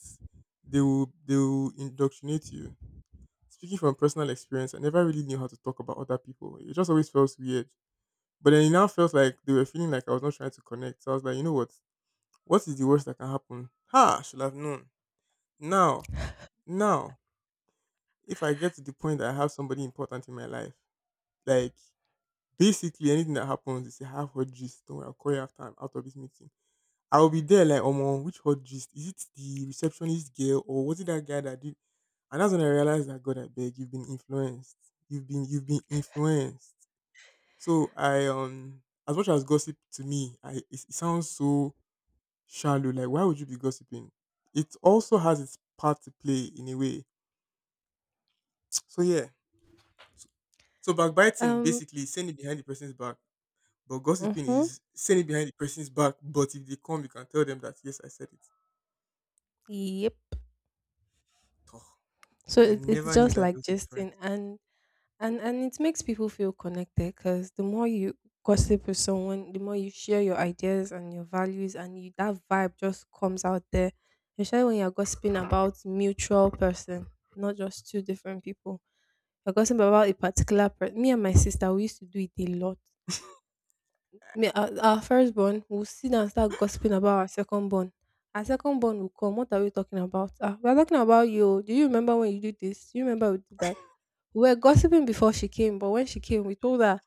[SPEAKER 2] they will indoctrinate you. Speaking from personal experience, I never really knew how to talk about other people. It just always felt weird. But then it now felt like they were feeling like I was not trying to connect. So I was like, you know what? What is the worst that can happen? Ha! I should have known. Now, now, if I get to the point that I have somebody important in my life, like basically, anything that happens, they say, have hot gist. Don't worry, I'll call you after I'm out of this meeting. I'll be there like, oh, which hot gist? Is it the receptionist girl or was it that guy that did? And that's when I realized that, God, I beg, you've been influenced. You've been influenced. So I, as much as gossip to me, it sounds so shallow. Like, why would you be gossiping? It also has its part to play in a way. So yeah. So backbiting,
[SPEAKER 1] Um,
[SPEAKER 2] basically, is saying it behind the person's back. But gossiping
[SPEAKER 1] Mm-hmm.
[SPEAKER 2] is saying it behind the person's back. But if they come, you can tell them that yes, I said it.
[SPEAKER 1] Yep.
[SPEAKER 2] Toh,
[SPEAKER 1] So
[SPEAKER 2] I
[SPEAKER 1] it's
[SPEAKER 2] never knew
[SPEAKER 1] just
[SPEAKER 2] that there
[SPEAKER 1] like
[SPEAKER 2] was a
[SPEAKER 1] Justin,
[SPEAKER 2] difference.
[SPEAKER 1] and and it makes people feel connected because the more you gossip with someone, the more you share your ideas and your values, and you that vibe just comes out there. Especially when you're gossiping about mutual person, not just two different people. You're gossiping about a particular person. Me and my sister, we used to do it a lot. Me, our first born will sit down and start gossiping about our second born. Our second born will come. What are we talking about? Ah, we're talking about you. Oh. Do you remember when you did this? Do you remember we did that? We were gossiping before she came, but when she came, we told her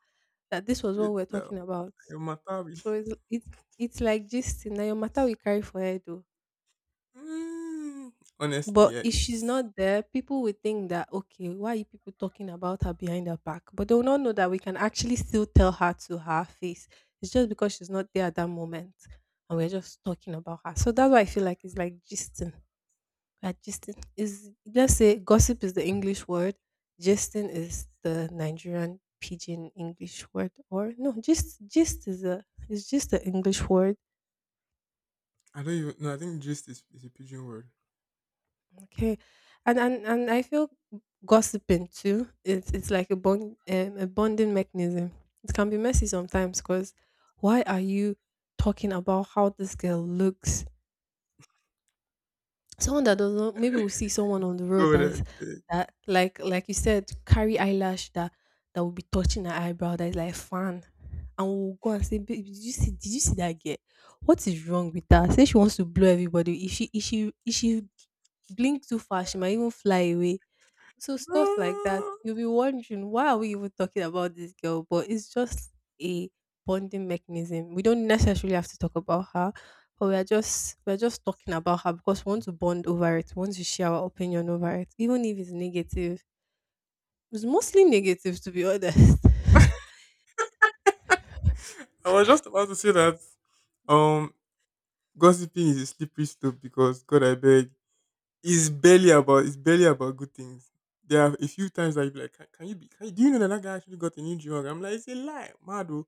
[SPEAKER 1] that this was what
[SPEAKER 2] Straight
[SPEAKER 1] we were
[SPEAKER 2] down.
[SPEAKER 1] talking about.
[SPEAKER 2] Your matari.
[SPEAKER 1] So it's like this Now your matter we carry for head.
[SPEAKER 2] Mm. Honestly,
[SPEAKER 1] But
[SPEAKER 2] yeah,
[SPEAKER 1] if she's
[SPEAKER 2] it's
[SPEAKER 1] not there, people will think that, okay, why are you people talking about her behind her back? But they will not know that we can actually still tell her to her face. It's just because she's not there at that moment. And we're just talking about her. So that's why I feel like it's like gisting. We're gisting. Is let's say gossip is the English word, gisting is the Nigerian pidgin English word. Or no, gist gist is a it's just the English word
[SPEAKER 2] I don't even no, I think gist is a pigeon word.
[SPEAKER 1] Okay, and I feel gossiping too. It's like a bond, a bonding mechanism. It can be messy sometimes because why are you talking about how this girl looks? Someone that does not maybe we'll see someone on the road
[SPEAKER 2] Go there.
[SPEAKER 1] that's
[SPEAKER 2] Eh.
[SPEAKER 1] that like you said carry eyelash that that will be touching her eyebrow that is like fan, and we'll go and say, babe, did you see that girl? What is wrong with her? Say she wants to blow everybody. If she blink too fast, she might even fly away, so stuff like that,
[SPEAKER 2] No.
[SPEAKER 1] you'll be wondering why are we even talking about this girl? But it's just a bonding mechanism. We don't necessarily have to talk about her, but we're just talking about her because we want to bond over it, we want to share our opinion over it, even if it's negative. It's mostly negative to be honest.
[SPEAKER 2] I was just about to say that um gossiping is a slippery slope because God I beg. It's barely about good things. There are a few times I'd be like, can you be? Can, you, do you know that that guy actually got a new jog? I'm like, it's a lie, mad oh.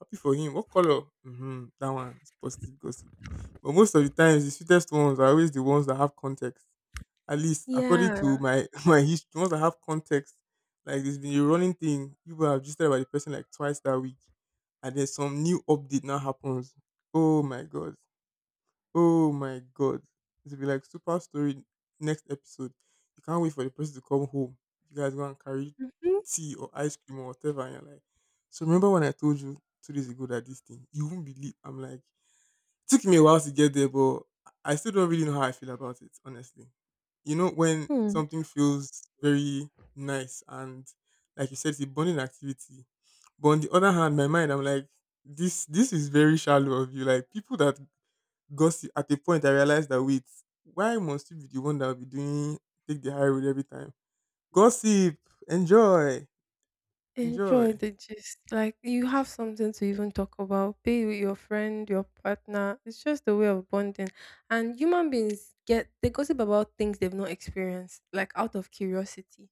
[SPEAKER 2] Happy for him. What color? Mm-hmm, that one. It's positive gossip. But most of the times, the sweetest ones are always the ones that have context. At least according to
[SPEAKER 1] yeah.
[SPEAKER 2] my my history, the ones that have context. Like there's been a running thing. People have just about the person like twice that week, and then some new update now happens. Oh my God! Oh my God. It'll be like super story next episode. You can't wait for the person to come home. You guys go and carry tea or ice cream or whatever and you're like so remember when I told you 2 days ago that this thing you won't believe I'm like it took me a while to get there but I still don't really know how I feel about it, honestly. You know when
[SPEAKER 1] Mhm.
[SPEAKER 2] something feels very nice and like you said it's a bonding activity. But on the other hand, my mind I'm like this is very shallow of you. Like people that because at a point I realized that wait, why must you be the one that will be doing take the high road every time? Gossip, enjoy,
[SPEAKER 1] Enjoy
[SPEAKER 2] enjoy.
[SPEAKER 1] the gist. Like you have something to even talk about, be with your friend, your partner. It's just a way of bonding. And human beings get they gossip about things they've not experienced, like out of curiosity.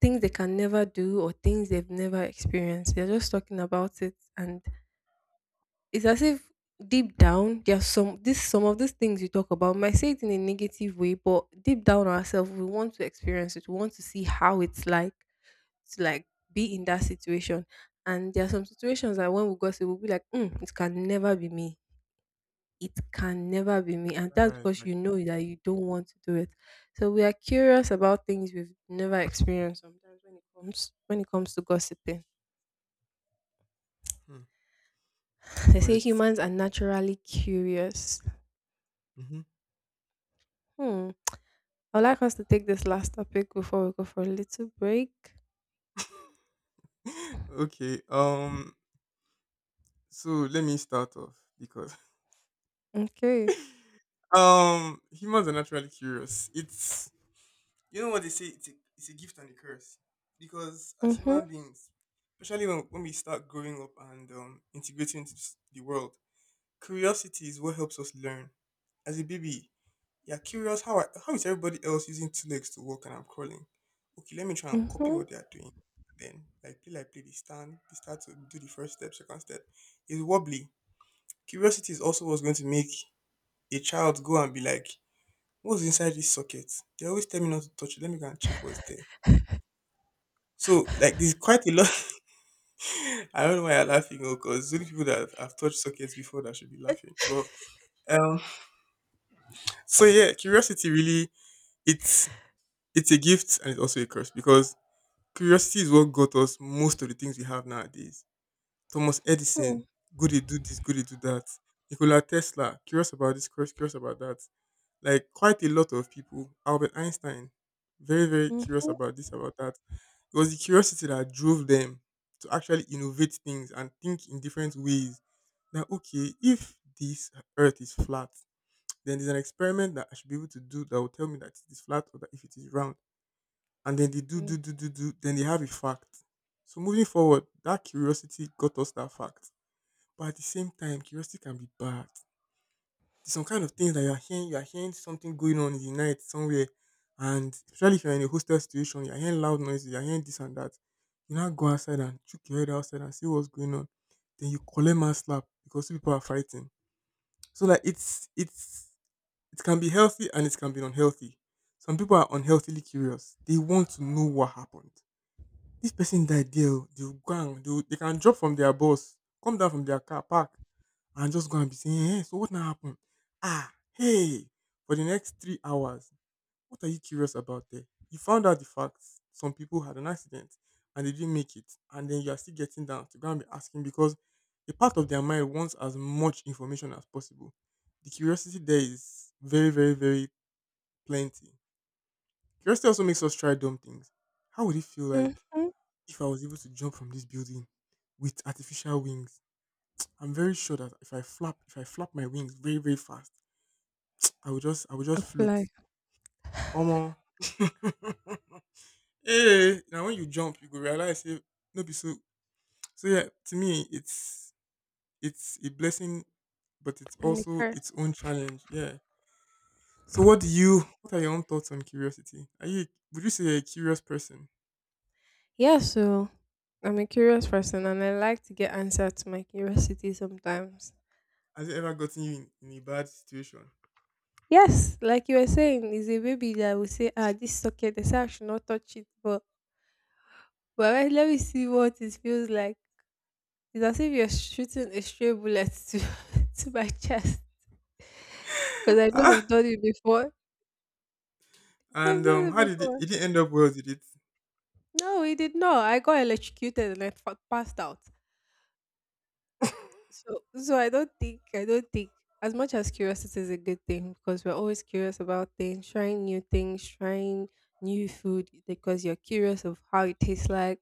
[SPEAKER 1] Things they can never do or things they've never experienced. They're just talking about it and it's as if deep down there's some this some of these things you talk about might say it in a negative way, but deep down ourselves we want to experience it, we want to see how it's like to like be in that situation. And there are some situations that when we gossip, we'll be like, mm, it can never be me. It can never be me. And
[SPEAKER 2] All
[SPEAKER 1] that's
[SPEAKER 2] right,
[SPEAKER 1] because you
[SPEAKER 2] actually,
[SPEAKER 1] know that you don't want to do it. So we are curious about things we've never experienced sometimes when it comes to gossiping.
[SPEAKER 2] hmm. All
[SPEAKER 1] They say
[SPEAKER 2] right.
[SPEAKER 1] humans are naturally curious. Hmm. I'd like us to take this last topic before we go for a little break.
[SPEAKER 2] Mm-hmm. okay. So let me start off because
[SPEAKER 1] Okay.
[SPEAKER 2] humans are naturally curious. It's you know what they say. It's it's a gift and a curse because as
[SPEAKER 1] Mm-hmm.
[SPEAKER 2] human beings, especially when we start growing up and integrating into the world, curiosity is what helps us learn. As a baby, you're curious how is everybody else using two legs to walk and I'm crawling? Okay, let me try and copy
[SPEAKER 1] Mm-hmm.
[SPEAKER 2] what they are doing. Then, like play, they stand, they start to do the first step, second step. It's wobbly. Curiosity is also what's going to make a child go and be like, what's inside this socket? They always tell me not to touch it. Let me go and check what's there. So, like, there's quite a lot. I don't know why I'm laughing, because only people that have touched sockets before that should be laughing. But um, so yeah, curiosity really it's it's a gift and it's also a curse because curiosity is what got us most of the things we have nowadays. Thomas
[SPEAKER 1] Hmm.
[SPEAKER 2] Edison, good he do this, good he do that. Nikola Tesla, curious about this, curious about that. Like quite a lot of people. Albert Einstein, very, very curious
[SPEAKER 1] Mm-hmm.
[SPEAKER 2] about this, about that. It was the curiosity that drove them to actually innovate things and think in different ways. That okay, if this earth is flat, then there's an experiment that I should be able to do that will tell me that it is flat or that if it is round and then they do,
[SPEAKER 1] Mm-hmm.
[SPEAKER 2] do, do, do, do, then they have a fact. So moving forward, that curiosity got us that fact. But at the same time, curiosity can be bad. There's some kind of things that you are hearing something going on in the night somewhere, and especially if you're in a hostel situation, you're hearing loud noises, you're hearing this and that. You now go outside and check your head outside and see what's going on. Then you collect man slap because two people are fighting. So like it's it can be healthy and it can be unhealthy. Some people are unhealthily curious. They want to know what happened this person died there oh, they will go and they can drop from their bus, come down from their car, park and just go and be saying, "Hey, so what now happened? Ah, hey!" For the next 3 hours, what are you curious about there? You found out the facts. Some people had an accident and they didn't make it, and then you are still getting down to go and be asking because a part of their mind wants as much information as possible. The curiosity there is very, very, very plenty. Curiosity also makes us try dumb things. How would it feel like
[SPEAKER 1] Mm-hmm.
[SPEAKER 2] if I was able to jump from this building with artificial wings, I'm very sure that if I flap my wings very, very fast, I would just float.
[SPEAKER 1] Apply.
[SPEAKER 2] Omo. Hey, now when you jump, you go realize, hey, no be so. So yeah, to me, it's a blessing, but it's
[SPEAKER 1] And the
[SPEAKER 2] also
[SPEAKER 1] curse.
[SPEAKER 2] its own challenge. Yeah. So what do you? What are your own thoughts on curiosity? Are you? Would you say you're a curious person?
[SPEAKER 1] Yeah, so I'm a curious person and I like to get answers to my curiosity sometimes.
[SPEAKER 2] Has it ever gotten you in a bad situation?
[SPEAKER 1] Yes, like you were saying, is a baby that will say, ah, this socket, they say I should not touch it, but, but let me see what it feels like. It's as if you're shooting a stray bullet to, to my chest. Because I know I've done it before. I've
[SPEAKER 2] And
[SPEAKER 1] done it
[SPEAKER 2] how did it?
[SPEAKER 1] before.
[SPEAKER 2] It didn't end up well, did it?
[SPEAKER 1] No, he did not. I got electrocuted and I passed out. So I don't think as much as curiosity is a good thing because we're always curious about things, trying new food because you're curious of how it tastes like,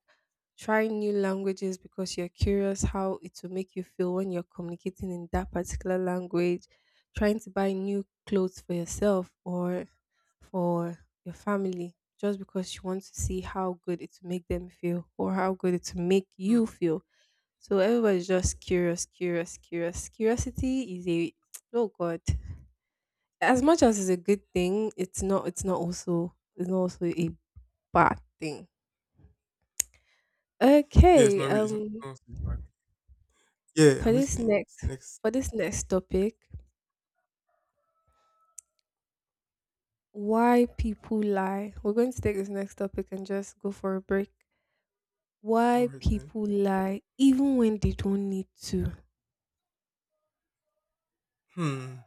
[SPEAKER 1] trying new languages because you're curious how it will make you feel when you're communicating in that particular language, trying to buy new clothes for yourself or for your family just because you want to see how good it will make them feel or how good it will make
[SPEAKER 2] Hmm.
[SPEAKER 1] you feel, so everybody's just curious, curious, curious. Curiosity is a oh god. As much as it's a good thing, it's not also a bad thing.
[SPEAKER 2] Yeah, it's
[SPEAKER 1] Okay,
[SPEAKER 2] not really. It's not really bad. Yeah,
[SPEAKER 1] for
[SPEAKER 2] I'm
[SPEAKER 1] this
[SPEAKER 2] listening. It's the
[SPEAKER 1] next
[SPEAKER 2] next.
[SPEAKER 1] for this next topic, why people lie. We're going to take this next topic and just go for a break.
[SPEAKER 2] All
[SPEAKER 1] Why
[SPEAKER 2] right then.
[SPEAKER 1] people lie even when they don't need to.
[SPEAKER 2] Hmm.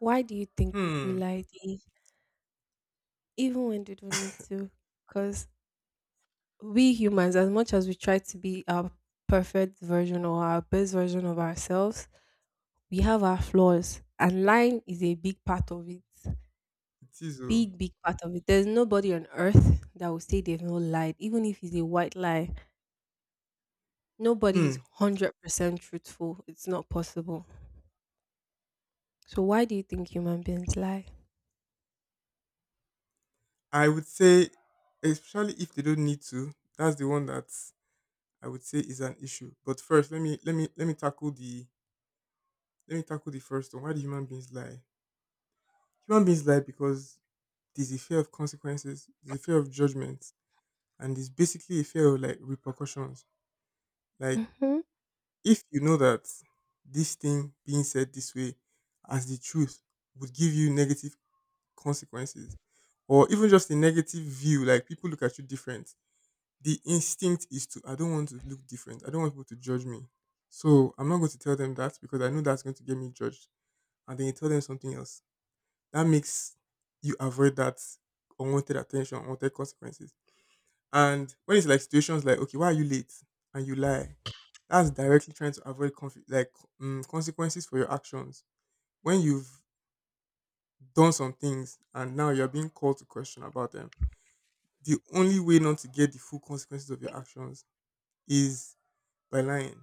[SPEAKER 1] Why do you think people
[SPEAKER 2] Hmm.
[SPEAKER 1] lie, Dee, even when they don't need to? Because we humans, as much as we try to be our perfect version or our best version of ourselves, we have our flaws, and lying is a big part of it.
[SPEAKER 2] It is. Oh.
[SPEAKER 1] Big, big part of it. There's nobody on earth that will say they've not lied, even if it's a white lie. Nobody is
[SPEAKER 2] Hmm.
[SPEAKER 1] 100% truthful. It's not possible. So, why do you think human beings lie?
[SPEAKER 2] I would say, especially if they don't need to, that's the one that I would say is an issue. But first, let me tackle the let me tackle the first one. Why do human beings lie? Human beings lie because there's a fear of consequences, there's a fear of judgment, and there's basically a fear of like repercussions. Like
[SPEAKER 1] Mm hmm.
[SPEAKER 2] if you know that this thing being said this way as the truth would give you negative consequences or even just a negative view, like people look at you different, the instinct is to, I don't want to look different. I don't want people to judge me. So I'm not going to tell them that because I know that's going to get me judged. And then you tell them something else. That makes you avoid that unwanted attention, unwanted consequences. And when it's like situations like, okay, why are you late? And you lie, that's directly trying to avoid consequences for your actions. When you've done some things and now you're being called to question about them, the only way not to get the full consequences of your actions is by lying.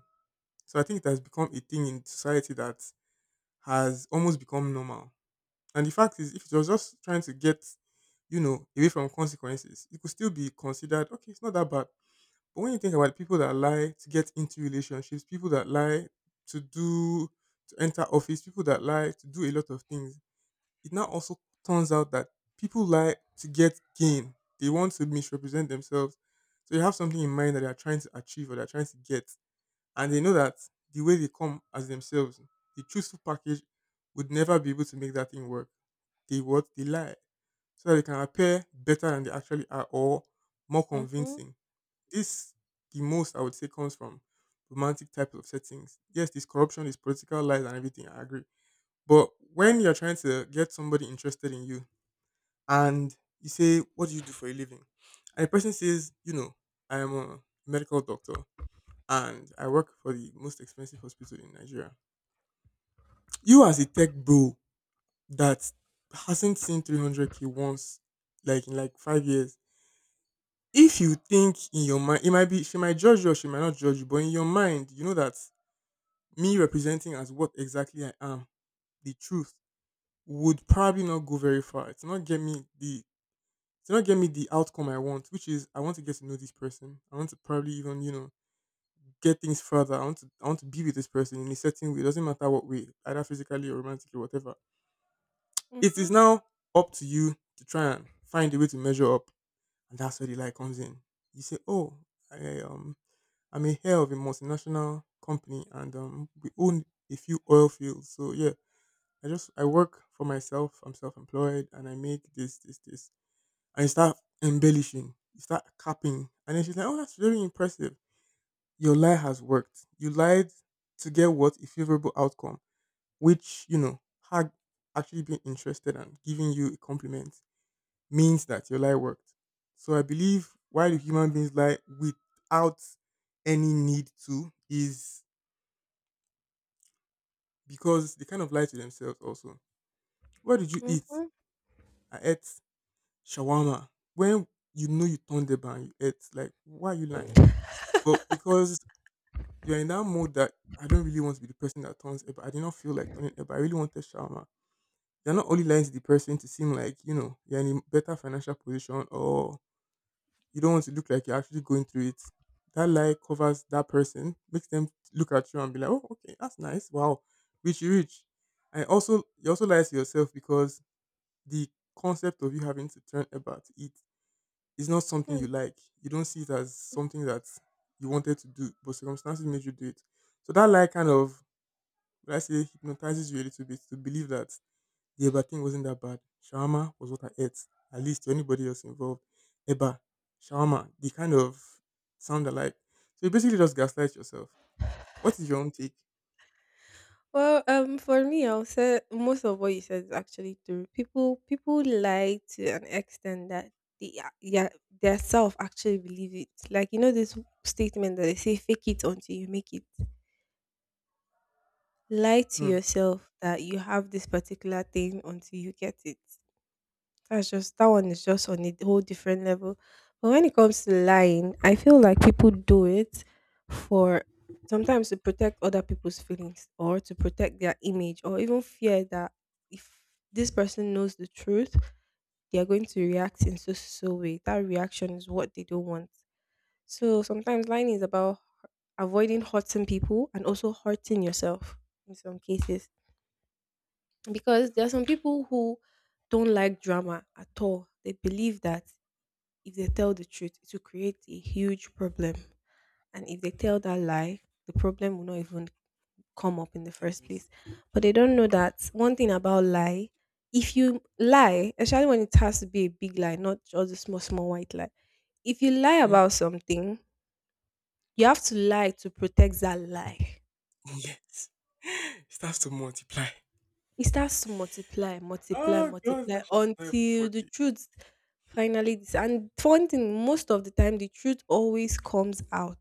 [SPEAKER 2] So I think it has become a thing in society that has almost become normal. And the fact is, if it was just trying to get, you know, away from consequences, it could still be considered okay. It's not that bad. But when you think about people that lie to get into relationships, people that lie to do to enter office, people that lie to do a lot of things, it now also turns out that people lie to get gain. They want to misrepresent themselves. So you have something in mind that they are trying to achieve or they're trying to get. And they know that the way they come as themselves, the truthful package would never be able to make that thing work. They What they lie. So that they can appear better than they actually are or more
[SPEAKER 1] Mm hmm.
[SPEAKER 2] convincing. This The most I would say comes from romantic types of settings. Yes, this corruption, this political lies and everything, I agree. But when you're trying to get somebody interested in you and you say, "What do you do for a living?" And the person says, "I am a medical doctor and I work for the most expensive hospital in Nigeria." You as a tech bro that hasn't seen 300K once, like in like 5 years, if you think in your mind, it might be, she might judge you or she might not judge you, but in your mind, you know that me representing as what exactly I am, the truth, would probably not go very far. It's not get me the it's not get me the outcome I want, which is I want to get to know this person. I want to probably even, get things further. I want to be with this person in a certain way. It doesn't matter what way, either physically or romantically, whatever.
[SPEAKER 1] Mm
[SPEAKER 2] It
[SPEAKER 1] hmm.
[SPEAKER 2] is now up to you to try and find a way to measure up. And that's where the lie comes in. You say, "Oh, I um I'm a heir of a multinational company, and we own a few oil fields. So yeah, I work for myself. I'm self-employed, and I make this, this, this." And you start embellishing, you start capping, and then she's like, "Oh, that's very impressive." Your lie has worked. You lied to get what? A favorable outcome, which you know had actually been interested, and giving you a compliment means that your lie worked. So I believe why do human beings lie without any need to is because they kind of lie to themselves also. What did you eat?
[SPEAKER 1] Mm
[SPEAKER 2] I ate shawarma, when you know you turned it down, you ate, like, why are you lying? But because you're in that mode that I don't really want to be the person that turns it, but I did not feel like turning it, but I really wanted shawarma. You're not only lying to the person to seem like, you're in a better financial position, or you don't want to look like you're actually going through it. That lie covers that person, makes them look at you and be like, "Oh, okay, that's nice. Wow, rich, you rich." And also, you also lie to yourself because the concept of you having to turn about it. It's not something you
[SPEAKER 1] hmm.
[SPEAKER 2] like. You don't see it as something that you wanted to do, but circumstances made you do it. So that lie kind of, let I say, hypnotizes you a little bit to believe that the eba thing wasn't that bad. Shawarma was what I ate, at least to anybody else involved. Eba, shawarma, they kind of sound alike. So you basically just gaslight yourself. What is your own take?
[SPEAKER 1] Well, for me, I'll say most of what you said is actually true. People lie to an extent that yeah, their self actually believe it. Like you know this statement that they say, "Fake it until you make it." Lie to
[SPEAKER 2] Hmm.
[SPEAKER 1] yourself that you have this particular thing until you get it. That one is just on a whole different level. But when it comes to lying, I feel like people do it for sometimes to protect other people's feelings or to protect their image, or even fear that if this person knows the truth, they are going to react in so so way. That reaction is what they don't want. So sometimes lying is about avoiding hurting people and also hurting yourself in some cases, because there are some people who don't like drama at all. They believe that if they tell the truth, it will create a huge problem. And if they tell that lie, the problem will not even come up in the first place.
[SPEAKER 2] Exist.
[SPEAKER 1] But they don't know that one thing about lie: if you lie, especially when it has to be a big lie, not just a small, small white lie, if you lie
[SPEAKER 2] Hmm?
[SPEAKER 1] about something, you have to lie to protect that lie.
[SPEAKER 2] Yes. It starts to multiply.
[SPEAKER 1] It starts to multiply, multiply,
[SPEAKER 2] Oh, God,
[SPEAKER 1] multiply
[SPEAKER 2] that shit's is terrible for
[SPEAKER 1] until the
[SPEAKER 2] the.
[SPEAKER 1] truth finally and one thing, most of the time the truth always comes out.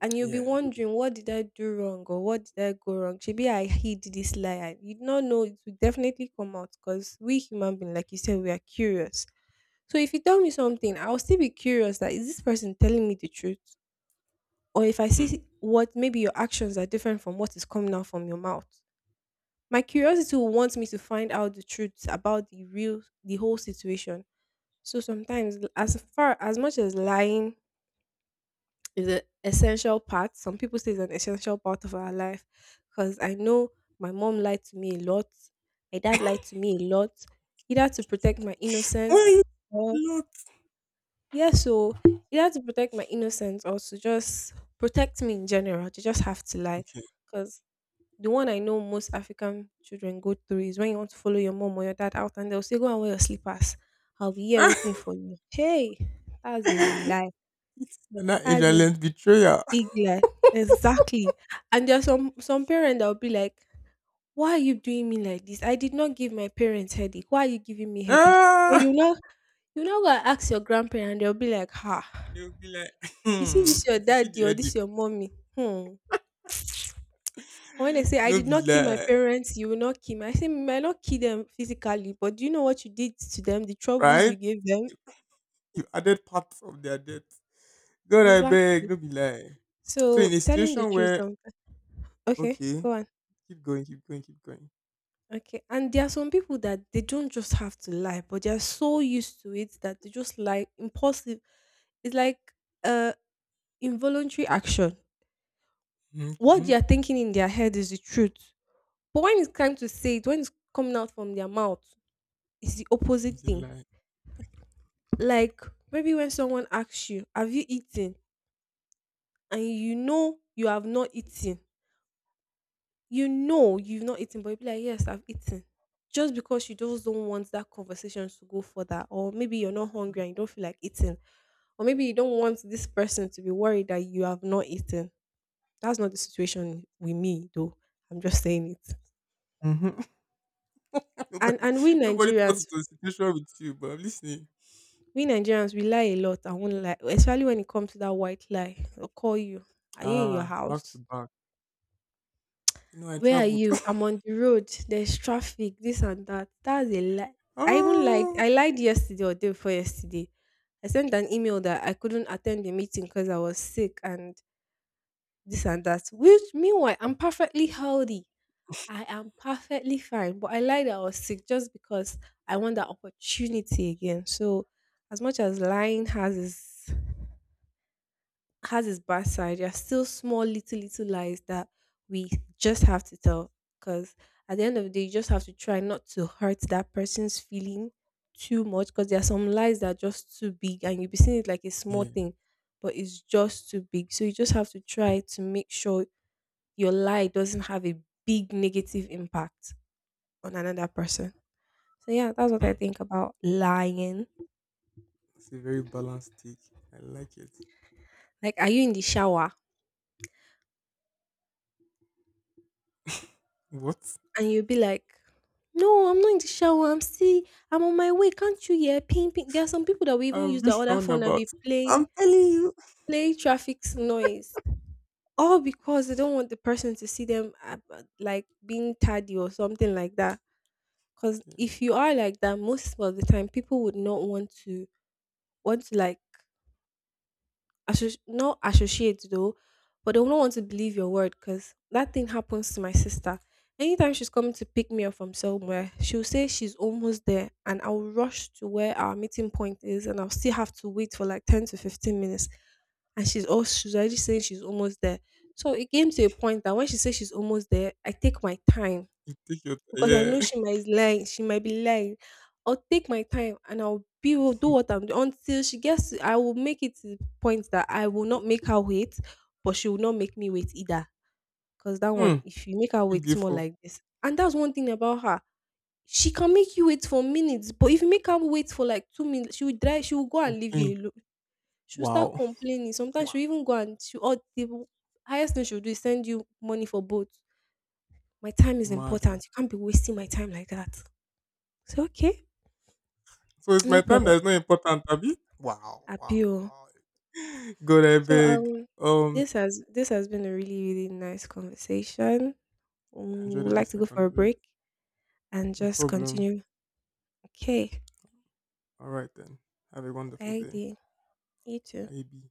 [SPEAKER 1] And you'll be
[SPEAKER 2] Yeah.
[SPEAKER 1] wondering, what did I do wrong or what did I go wrong? Maybe I hid this lie, and you do not know it will definitely come out, because we human beings, like you said, we are curious. So if you tell me something, I'll still be curious that is this person telling me the truth? Or if I
[SPEAKER 2] Hmm.
[SPEAKER 1] see what maybe your actions are different from what is coming out from your mouth. My curiosity will want me to find out the truth about the whole situation. So sometimes as far as much as lying is an essential part. Some people say it's an essential part of our life, because I know my mom lied to me a lot. My dad lied to me a lot, either to protect my innocence
[SPEAKER 2] Why
[SPEAKER 1] or,
[SPEAKER 2] you lot.
[SPEAKER 1] yeah, so either to protect my innocence or to just protect me in general, to just have to lie. Because the one I know most African children go through is when you want to follow your mom or your dad out and they'll say, "Go and wear your slippers. I'll be here waiting
[SPEAKER 2] It's
[SPEAKER 1] for you." Hey, that's a lie.
[SPEAKER 2] not
[SPEAKER 1] That's a
[SPEAKER 2] Israel's betrayal.
[SPEAKER 1] big lie. Exactly. And there are some parents that will be like, "Why are you doing me like this? I did not give my parents headache. Why are you giving me headache?" And
[SPEAKER 2] Ah,
[SPEAKER 1] go and ask your grandparent, and they'll be like, "Ha,
[SPEAKER 2] they'll be like,
[SPEAKER 1] you
[SPEAKER 2] hmm,
[SPEAKER 1] see this your
[SPEAKER 2] if you see
[SPEAKER 1] daddy
[SPEAKER 2] the
[SPEAKER 1] or
[SPEAKER 2] edit,
[SPEAKER 1] this your mommy?" Hmm. When they say, "I
[SPEAKER 2] no
[SPEAKER 1] did
[SPEAKER 2] be
[SPEAKER 1] not kill my
[SPEAKER 2] lie,
[SPEAKER 1] parents, you will not kill me." I say, "You might not kill them physically, but do you know what you did to them? The troubles
[SPEAKER 2] right?
[SPEAKER 1] you gave them."
[SPEAKER 2] You added parts of their death. God, I beg,
[SPEAKER 1] Exactly.
[SPEAKER 2] no be lie. So
[SPEAKER 1] So
[SPEAKER 2] in a
[SPEAKER 1] telling the
[SPEAKER 2] situation
[SPEAKER 1] truth
[SPEAKER 2] where,
[SPEAKER 1] sometimes. Okay,
[SPEAKER 2] okay,
[SPEAKER 1] go on.
[SPEAKER 2] keep going, keep going, keep going.
[SPEAKER 1] Okay, and there are some people that they don't just have to lie, but they are so used to it that they just lie impulsive. It's like uh involuntary action.
[SPEAKER 2] Mm-hmm,
[SPEAKER 1] What
[SPEAKER 2] mm-hmm.
[SPEAKER 1] they are thinking in their head is the truth, but when it's time to say it, when it's coming out from their mouth, it's the
[SPEAKER 2] It's
[SPEAKER 1] opposite
[SPEAKER 2] a
[SPEAKER 1] thing.
[SPEAKER 2] lie.
[SPEAKER 1] Like maybe when someone asks you, "Have you eaten?" and you know you have not eaten, you know you've not eaten, but you'll be like, "Yes, I've eaten." Just because you just don't want that conversation to go further, or maybe you're not hungry and you don't feel like eating, or maybe you don't want this person to be worried that you have not eaten. That's not the situation with me, though. I'm just saying it.
[SPEAKER 2] Mm-hmm.
[SPEAKER 1] And
[SPEAKER 2] nobody,
[SPEAKER 1] and we
[SPEAKER 2] nobody thought it
[SPEAKER 1] Nigerians,
[SPEAKER 2] was a situation with you, but I'm listening.
[SPEAKER 1] we lie a lot. I won't lie, especially when it comes to that white lie. They'll call you. Are you in your
[SPEAKER 2] Ah, back to
[SPEAKER 1] house?
[SPEAKER 2] back. You know, I
[SPEAKER 1] Where are
[SPEAKER 2] traveled.
[SPEAKER 1] you? I'm on the road. There's traffic, this and that. That's a lie. I even lied.
[SPEAKER 2] Oh,
[SPEAKER 1] I lied yesterday or day before yesterday. I sent an email that I couldn't attend the meeting because I was sick and this and that. Which meanwhile, I'm perfectly healthy. I am perfectly fine. But I lied that I was sick just because I want that opportunity again. So as much as lying has its bad side. There are still small, little, little lies that we just have to tell. Because at the end of the day, you just have to try not to hurt that person's feeling too much. Because there are some lies that are just too big, and you'll be seeing it like a small
[SPEAKER 2] yeah.
[SPEAKER 1] thing, but it's just too big. So you just have to try to make sure your lie doesn't have a big negative impact on another person. So yeah, that's what
[SPEAKER 2] Hmm.
[SPEAKER 1] I think about lying.
[SPEAKER 2] It's a very balanced take. I like it.
[SPEAKER 1] Like, are you in the shower?
[SPEAKER 2] What?
[SPEAKER 1] And you'll be like, "No, I'm not in the shower. I'm on my way. Can't you hear ping ping?" There are some people that will even
[SPEAKER 2] A
[SPEAKER 1] use their
[SPEAKER 2] rich
[SPEAKER 1] other phone and
[SPEAKER 2] roundabout.
[SPEAKER 1] be
[SPEAKER 2] I'm telling you.
[SPEAKER 1] play traffic noise. All because they don't want the person to see them like being tardy or something like that. Because
[SPEAKER 2] Yeah,
[SPEAKER 1] if you are like that, most of the time people would not want to like not associate though, but they do not want to believe your word, because that thing happens to my sister. Anytime she's coming to pick me up from somewhere, she'll say she's almost there, and I'll rush to where our meeting point is, and I'll still have to wait for like 10 to 15 minutes. And she's already saying she's almost there. So it came to a point that when she says she's almost there, I take my time
[SPEAKER 2] you take your
[SPEAKER 1] because I know
[SPEAKER 2] yeah.
[SPEAKER 1] she might lie, she might be lying. I'll take my time and I'll be will do what I'm doing until I will make it to the point that I will not make her wait, but she will not make me wait either. Because that one,
[SPEAKER 2] Hmm.
[SPEAKER 1] if you make her
[SPEAKER 2] Too
[SPEAKER 1] wait
[SPEAKER 2] gay
[SPEAKER 1] more
[SPEAKER 2] for
[SPEAKER 1] like this, and that's one thing about her. She can make you wait for minutes, but if you make her wait for like 2 minutes, she will drive, she will go and leave
[SPEAKER 2] complain.
[SPEAKER 1] you alone. She'll start
[SPEAKER 2] Wow.
[SPEAKER 1] complaining. Sometimes
[SPEAKER 2] Wow.
[SPEAKER 1] she'll even go and she or the highest thing she'll do is send you money for both. My time is
[SPEAKER 2] Mad. Oh.
[SPEAKER 1] important. You can't be wasting my time like that. So okay,
[SPEAKER 2] So it's my
[SPEAKER 1] no
[SPEAKER 2] time that
[SPEAKER 1] problem.
[SPEAKER 2] is not important, Abby. Wow. Wow.
[SPEAKER 1] Appeal.
[SPEAKER 2] Wow. Go there
[SPEAKER 1] So
[SPEAKER 2] big. Um.
[SPEAKER 1] this has been a really really nice conversation.
[SPEAKER 2] I
[SPEAKER 1] Mm,
[SPEAKER 2] enjoyed
[SPEAKER 1] would
[SPEAKER 2] every
[SPEAKER 1] like to go for
[SPEAKER 2] second
[SPEAKER 1] a
[SPEAKER 2] of it.
[SPEAKER 1] break and
[SPEAKER 2] No
[SPEAKER 1] just
[SPEAKER 2] problem.
[SPEAKER 1] continue. Okay,
[SPEAKER 2] All right then. Have a wonderful
[SPEAKER 1] bye,
[SPEAKER 2] day.
[SPEAKER 1] dear. You too.
[SPEAKER 2] Bye.